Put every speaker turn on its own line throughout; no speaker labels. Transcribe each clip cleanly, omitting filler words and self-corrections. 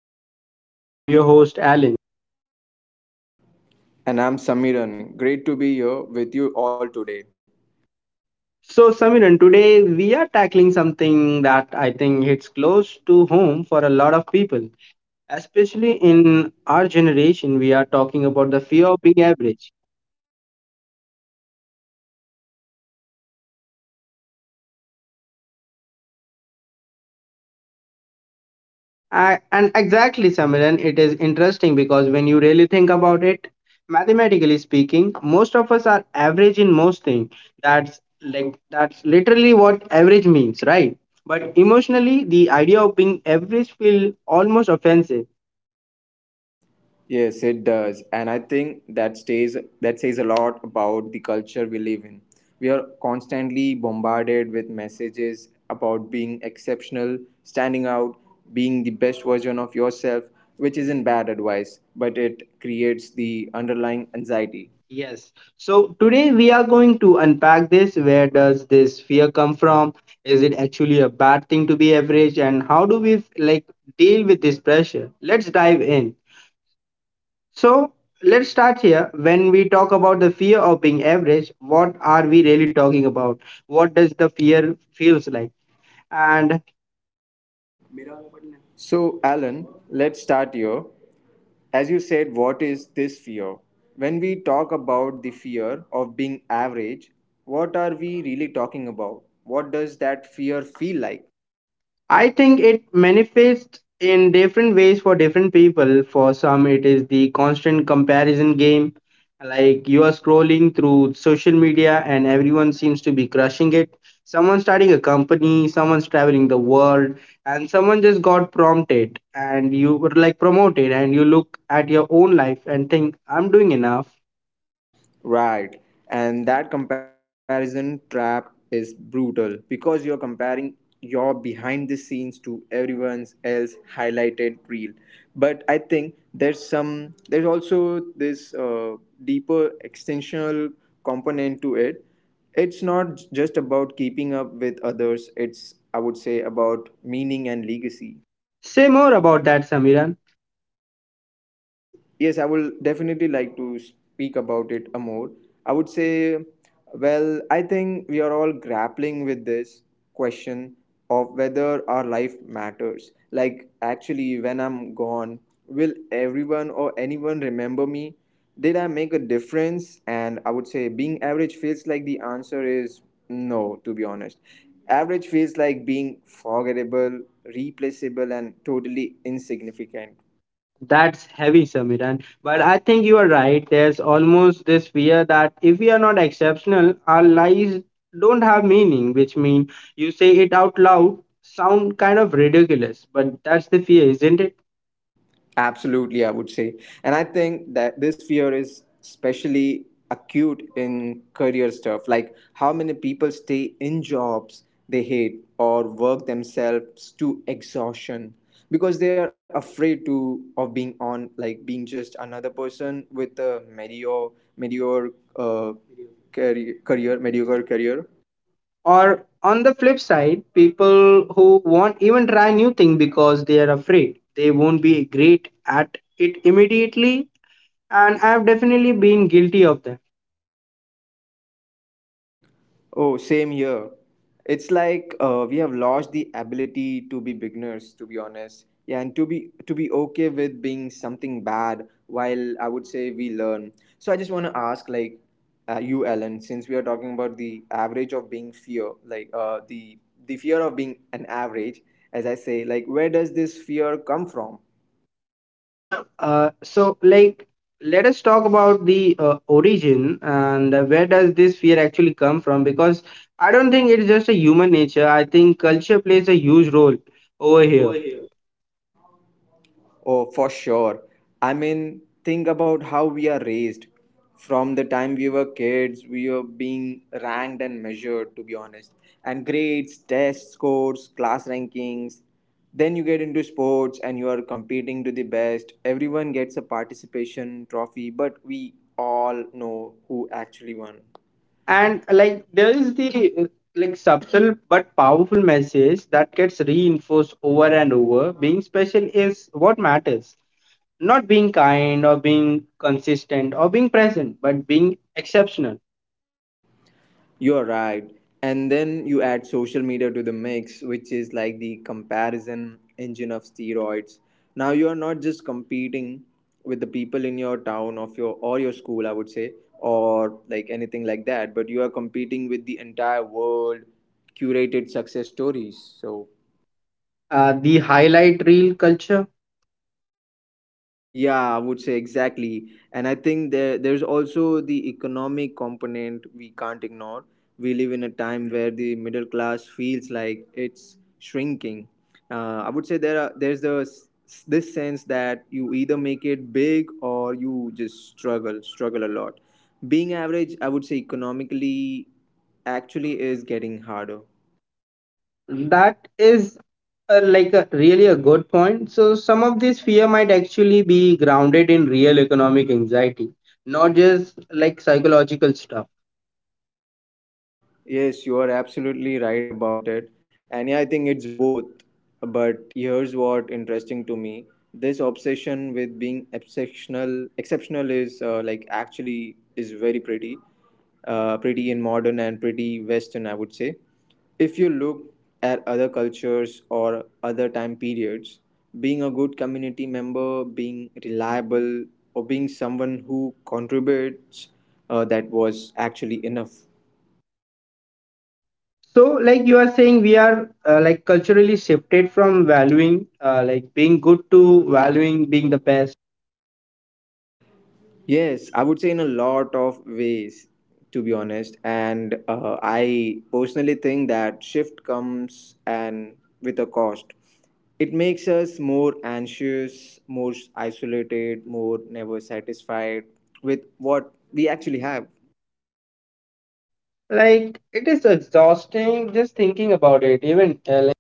Dive Conversation. I'm your host Alan.
And I'm Samiran. Great to be here with you all today.
So Samiran, today we are tackling something that I think hits close to home for a lot of people. Especially in our generation, we are talking about the fear of being average.
Oh man, yeah, this is a big one. I think everyone felt this at some point, whether they admit or not.
I, and exactly, Samiran, it is interesting because when you really think about it, mathematically speaking, most of us are average in most things. That's literally what average means, right? But emotionally, the idea of being average feels almost offensive.
Yes, it does, and I think that stays that says a lot about the culture we live in. We are constantly bombarded with messages about being exceptional, standing out, being the best version of yourself, which isn't bad advice, but it creates the underlying anxiety.
Yes. So today we are going to unpack this. Where does this fear come from? Is it actually a bad thing to be average? And how do we like deal with this pressure? Let's dive in. So let's start here. When we talk about the fear of being average, what are we really talking about? What does the fear feels like? And
So, Alan, let's start here. As you said, what is this fear? When we talk about the fear of being average, what are we really talking about? What does that fear feel like?
I think it manifests in different ways for different people. For some, it is the constant comparison game. Like you are scrolling through social media and everyone seems to be crushing it. Someone's starting a company, someone's traveling the world, and someone just got prompted and you were like promoted, and you look at your own life and think, I'm doing enough.
Right. And that comparison trap is brutal because you're comparing your behind the scenes to everyone else highlighted reel. But I think there's also this deeper extensional component to it. It's not just about keeping up with others. It's, I would say, about meaning and legacy.
Say more about that, Samira.
Yes, I will definitely like to speak about it a more. I would say, well, I think we are all grappling with this question of whether our life matters. Like, actually, when I'm gone, will everyone or anyone remember me? Did I make a difference? And I would say, being average feels like the answer is no, to be honest. Average feels like being forgettable, replaceable, and totally insignificant.
That's heavy, Samir. And but I think you are right. There's almost this fear that if we are not exceptional, our lives don't have meaning, which means you say it out loud, sound kind of ridiculous, but that's the fear, isn't it?
Absolutely, I would say. And I think that this fear is especially acute in career stuff, like how many people stay in jobs they hate or work themselves to exhaustion because they are afraid to of being on like being just another person with a mediocre uh, career, career mediocre career.
Or on the flip side, people who won't even try new thing because they are afraid they won't be great at it immediately, and I've definitely been guilty of that.
Oh, same here. It's like we have lost the ability to be beginners, to be honest. Yeah, and to be okay with being something bad while I would say we learn. So I just want to ask, like, you, Ellen, since we are talking about the average of being fear, like the fear of being an average, as I say, like, where does this fear come from?
So like let us talk about the origin and where does this fear actually come from, because I don't think it's just a human nature. I think culture plays a huge role over here.
Over here. Oh, for sure. I mean, think about how we are raised. From the time we were kids, we were being ranked and measured, to be honest. And grades, test scores, class rankings. Then you get into sports and you are competing to the best. Everyone gets a participation trophy, but we all know who actually won.
And like there is the like subtle but powerful message that gets reinforced over and over. Being special is what matters, not being kind or being consistent or being present, but being exceptional.
You are right. And then you add social media to the mix, which is like the comparison engine of steroids. Now you are not just competing with the people in your town of your or your school, I would say, or like anything like that, but you are competing with the entire world curated success stories. So
The highlight reel culture.
yeah, I would say exactly. And I think there's also the economic component we can't ignore. We live in a time where the middle class feels like it's shrinking. I would say there's a this sense that you either make it big or you just struggle a lot. Being average, I would say economically actually is getting harder.
That is like a, really a good point. So some of this fear might actually be grounded in real economic anxiety, not just like psychological stuff.
Yes, you are absolutely right about it. And yeah, I think it's both. But here's what interesting to me. This obsession with being exceptional is like actually is very pretty. Pretty in modern and pretty western, I would say. If you look at other cultures or other time periods, being a good community member, being reliable, or being someone who contributes, that was actually enough.
So like you are saying, we are like culturally shifted from valuing like being good to valuing being the best.
Yes, I would say in a lot of ways, to be honest. And I personally think that shift comes and with a cost. It makes us more anxious, more isolated, more never satisfied with what we actually have.
Like it is exhausting just thinking about it. Even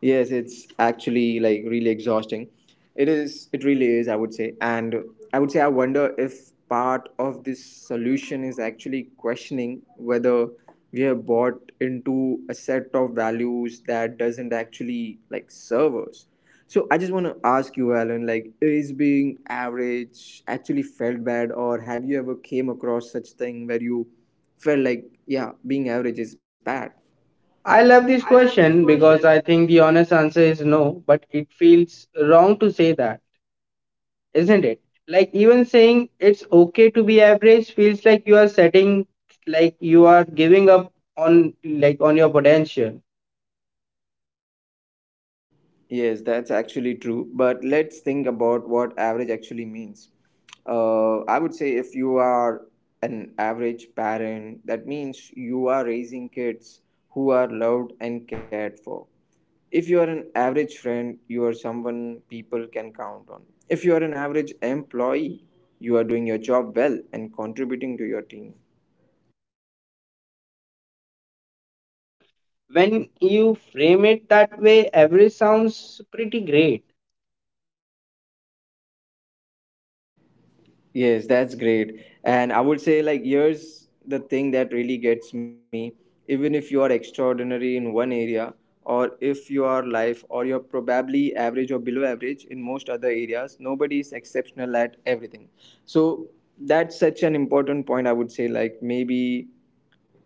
Yes, it's actually like really exhausting. It is, it really is, I would say. And I would say, I wonder if part of this solution is actually questioning whether we have bought into a set of values that doesn't actually like serve us. So I just want to ask you, Alan, like, is being average actually felt bad, or have you ever came across such thing where you felt like, yeah, being average is bad?
I love
I
this
love this
question
question.
because I think the honest answer is no, but it feels wrong to say that. Isn't it? Like even saying it's okay to be average feels like you are setting like you are giving up on like on your potential.
Yes, that's actually true. But let's think about what average actually means. I would say if you are an average parent, that means you are raising kids who are loved and cared for. If you are an average friend, you are someone people can count on. If you are an average employee, you are doing your job well and contributing to your team.
When you frame it that way, average sounds pretty great.
Yes, that's great. And I would say, like, here's the thing that really gets me. Even if you are extraordinary in one area, or if you are life, or you're probably average or below average in most other areas, nobody is exceptional at everything. So that's such an important point, I would say. Like, maybe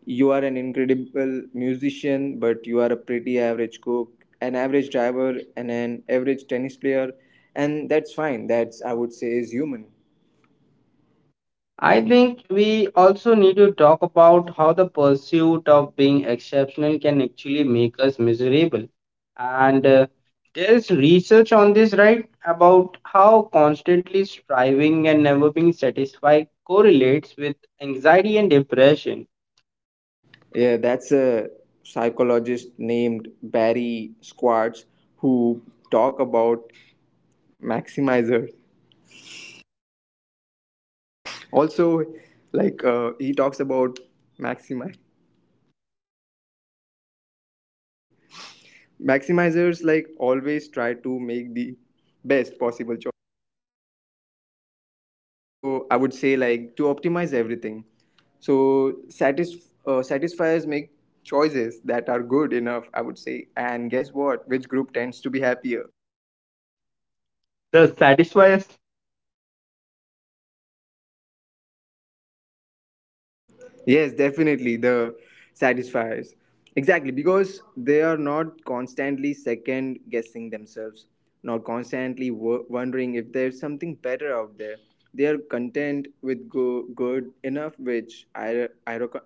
you are an incredible musician, but you are a pretty average cook, an average driver, and an average tennis player. And that's fine. That's, I would say, is human.
I think we also need to talk about how the pursuit of being exceptional can actually make us miserable. And there is research on this, right? About how constantly striving and never being satisfied correlates with anxiety and depression.
Yeah, that's a psychologist named Barry Squartz who talk about maximizers. Also, like he talks about maximize maximizers like always try to make the best possible choice. So I would say like to optimize everything. So satisfiers make choices that are good enough, I would say. And guess what? Which group tends to be happier?
The satisfy.
Yes, definitely. The satisfiers. Exactly, because they are not constantly second guessing themselves, not constantly wondering if there's something better out there. They are content with good enough, which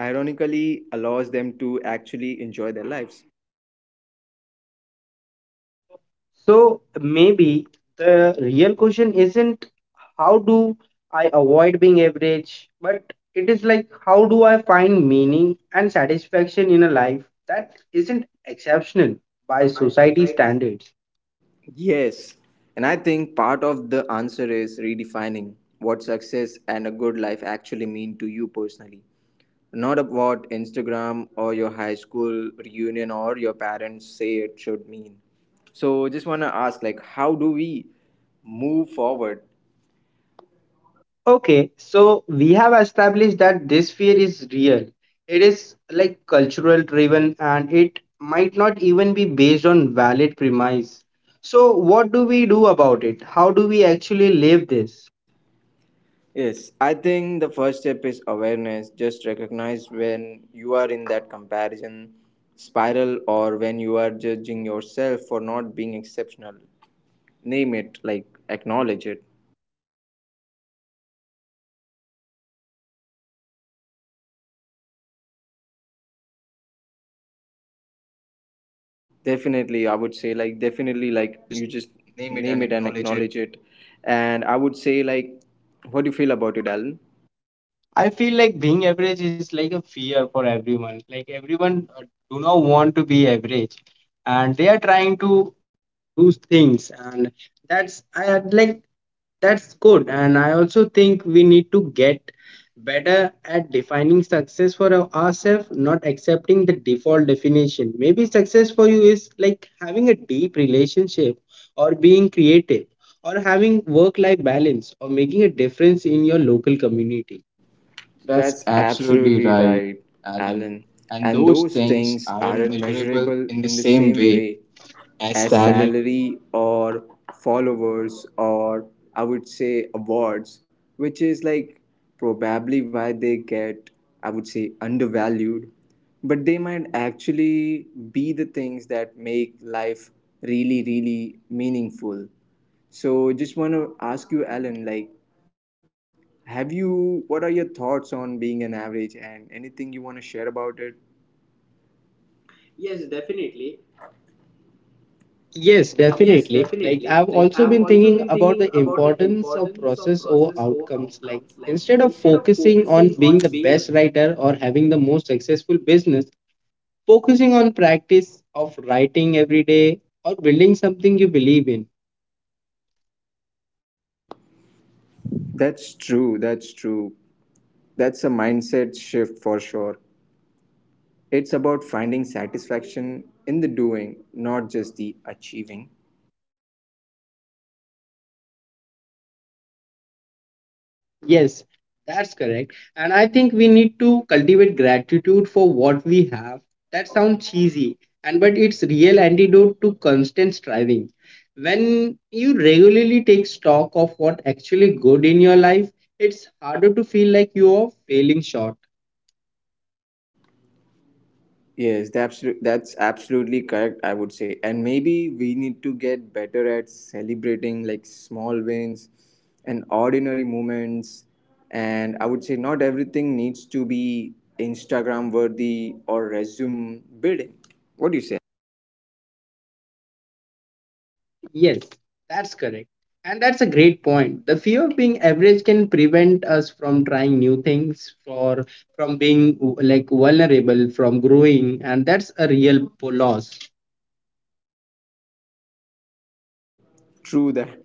ironically allows them to actually enjoy their lives.
So maybe the real question isn't how do I avoid being average, but it is like how do I find meaning and satisfaction in a life that isn't exceptional by
By
society
society.
standards.
Yes, and I think part of the answer is redefining what success and a good life actually mean to you personally. Not about Instagram or your high school reunion or your parents say it should mean. So just wanna ask, like, how do we move forward?
Okay, so we have established that this fear is real. It is like cultural driven and it might not even be based on valid premise. So what do we do about it? How do we actually live this?
Yes, I think the first step is awareness. Just recognize when you are in that comparison spiral or when you are judging yourself for not being exceptional. Name it, like acknowledge it. Definitely, I would say, like definitely like you just name it and acknowledge it. And I would say, like, what do you feel about it, Alan?
I feel like being average is like a fear for everyone. Like everyone do not want to be average, and they are trying to do things, and that's I had like that's good. And I also think we need to get better at defining success for ourselves, not accepting the default definition. Maybe success for you is like having a deep relationship, or being creative, or having work-life balance, or making a difference in your local community. That's
That's absolutely
absolutely right,
right,
Alan.
Alan.
And
And
those
those
things
things aren't
aren't measurable
measurable
in
in
the
the
same
same
way
way
as
as
salary.
salary or followers or, I would say, awards, which is like probably why they get, I would say, undervalued. But they might actually be the things that make life really, really meaningful. So just want to ask you, Alan, like, have you, what are your thoughts on being an average and anything you want to share about it? Yes, definitely.
Yes,
Yes,
definitely.
definitely. Like
Like I've
I've also
also been
been thinking
thinking about
about the
the importance
importance
of
of
process
process
over
over
outcomes.
outcomes. Like
Like
instead
instead of
of focusing
focusing
on
on being
being
the
the
best writer or having the most successful business, focusing on practice of writing every day or building something you believe in.
that's true. That's true. That's a mindset shift for sure. It's about finding satisfaction in the doing, not just the achieving.
Yes, that's correct. And I think we need to cultivate gratitude for what we have. That sounds cheesy, and but it's real antidote to constant striving. When you regularly take stock of what actually good in your life, it's harder to feel like you are failing short.
Yes, the absolute, that's absolutely correct, I would say. And maybe we need to get better at celebrating like small wins and ordinary moments. And I would say not everything needs to be Instagram worthy or resume building. What do you say?
Yes, that's correct. And that's a great point. The fear of being average can prevent us from trying new things, for from being like vulnerable, from growing, and that's a real loss.
True that.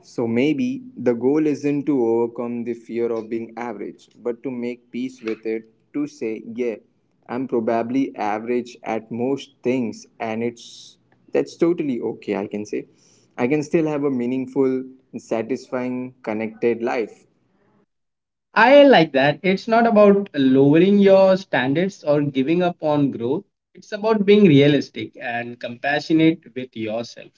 So maybe the goal isn't to overcome the fear of being average, but to make peace with it, to say, yeah, I'm probably average at most things and it's that's totally okay, I can say. I can still have a meaningful, satisfying, connected life.
I like that. It's not about lowering your standards or giving up on growth. It's about being realistic and compassionate with yourself.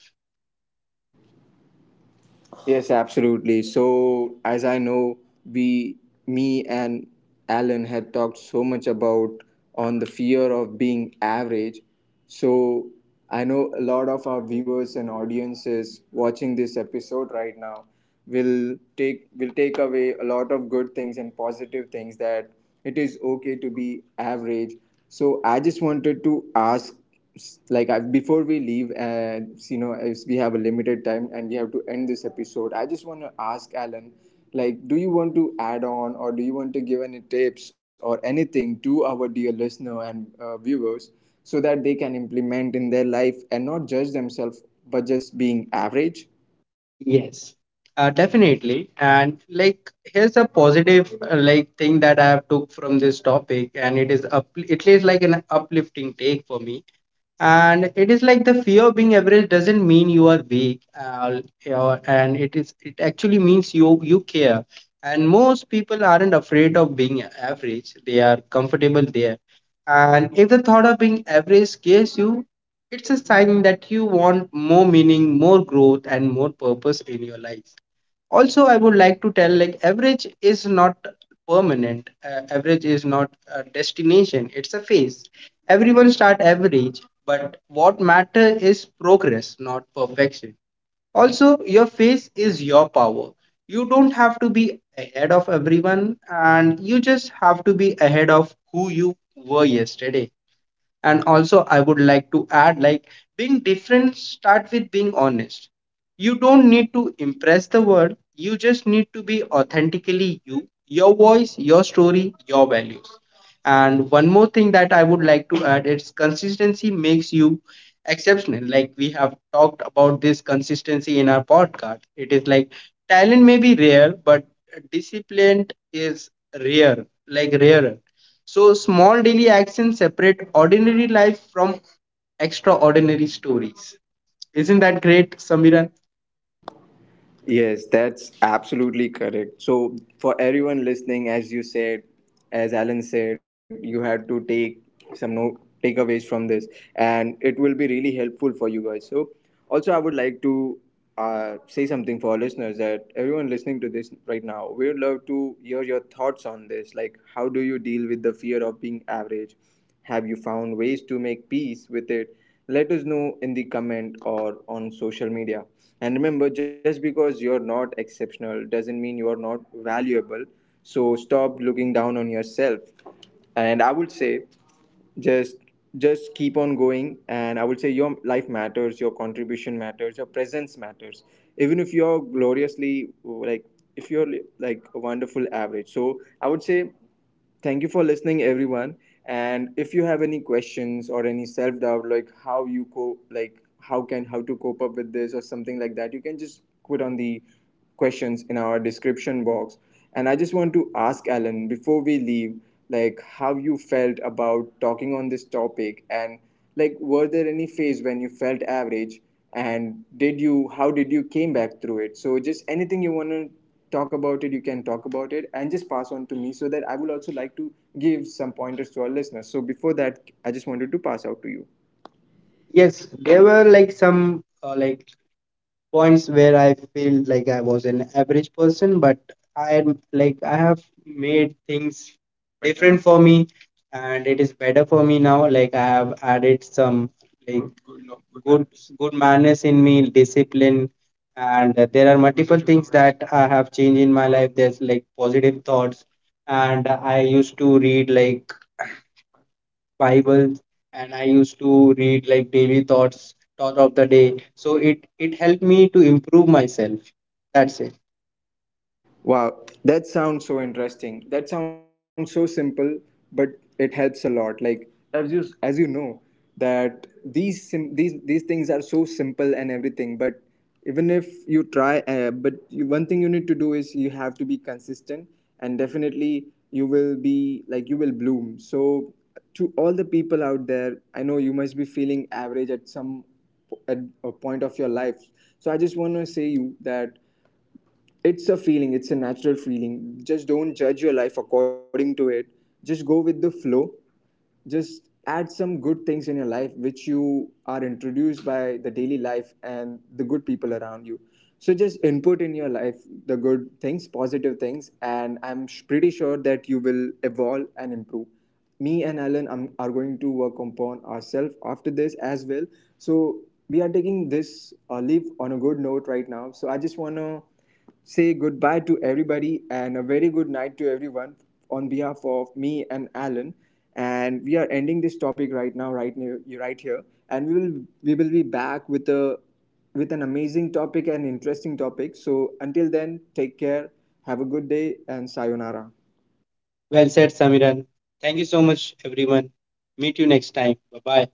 Yes, absolutely. So, as I know, we, me and Alan had talked so much about on the fear of being average. So, I know a lot of our viewers and audiences watching this episode right now will take away a lot of good things and positive things that it is okay to be average. So I just wanted to ask, like, I, before we leave, and you know, as we have a limited time and we have to end this episode, I just want to ask Alan, like, do you want to add on or do you want to give any tips or anything to our dear listener and viewers so that they can implement in their life and not judge themselves, but just being average?
Yes, definitely. And like, here's a positive like thing that I have took from this topic, and it is up, it is like an uplifting take for me, and it is like the fear of being average doesn't mean you are weak and it is it actually means you care, and most people aren't afraid of being average. They are comfortable there, and if the thought of being average scares you, it's a sign that you want more meaning, more growth, and more purpose in your life. Also I would like to tell like average is not permanent. Average is not a destination, it's a phase. Everyone start average, but what matter is progress, not perfection. Also your face is your power. You don't have to be ahead of everyone, and you just have to be ahead of who you were yesterday. And also I would like to add like being different start with being honest. You don't need to impress the world, you just need to be authentically you, your voice, your story, your values. And one more thing that I would like to add is consistency makes you exceptional. Like we have talked about this consistency in our podcast, it is like talent may be rare, but discipline is rare, like rarer. So small daily actions separate ordinary life from extraordinary stories. Isn't that great, Samiran?
Yes, that's absolutely correct. So, for everyone listening, as you said, as Alan said, you had to take some no takeaways from this, and it will be really helpful for you guys. So, also, I would like to say something for our listeners that everyone listening to this right now, we would love to hear your thoughts on this. Like, how do you deal with the fear of being average? Have you found ways to make peace with it? Let us know in the comment or on social media. And remember, just because you're not exceptional doesn't mean you're not valuable. So stop looking down on yourself. And I would say just just keep on going, and I would say your life matters, your contribution matters, your presence matters, even if you're gloriously like if you're like a wonderful average. So I would say thank you for listening everyone, and if you have any questions or any self doubt like how you co like how to cope up with this or something like that, you can just put on the questions in our description box. And I just want to ask Alan before we leave, like how you felt about talking on this topic, and like were there any phase when you felt average, and did you how did you came back through it? So just anything you want to talk about it, you can talk about it, and just pass on to me so that I would also like to give some pointers to our listeners. So before that, I just wanted to pass out to you.
Yes, there were like some like points where I feel like I was an average person, but I am like I have made things different for me, and it is better for me now. Like I have added some like good good manners in me, discipline, and there are multiple things that I have changed in my life. There's like positive thoughts, and I used to read like Bible, and I used to read like daily thoughts, thought of the day. So it helped me to improve myself. That's it.
Wow, that sounds so interesting. That sounds so simple, but it helps a lot. Like as you know that these things are so simple and everything, but even if you try, but you, one thing you need to do is you have to be consistent, and definitely you will be like you will bloom. So to all the people out there, I know you must be feeling average at some at a point of your life. So I just want to say you that it's a feeling, it's a natural feeling, just don't judge your life according to it, just go with the flow, just add some good things in your life which you are introduced by the daily life and the good people around you. So just input in your life the good things, positive things, and pretty sure that you will evolve and improve. Me and Alan are going to work upon ourselves after this as well. So we are taking this leave on a good note right now. So I just want to say goodbye to everybody and a very good night to everyone on behalf of me and Alan. And we are ending this topic right now, right here. And we will be back with a with an amazing topic and interesting topic. So until then, take care, have a good day, and sayonara.
Well said, Samiran. Thank you so much, everyone. Meet you next time. Bye bye.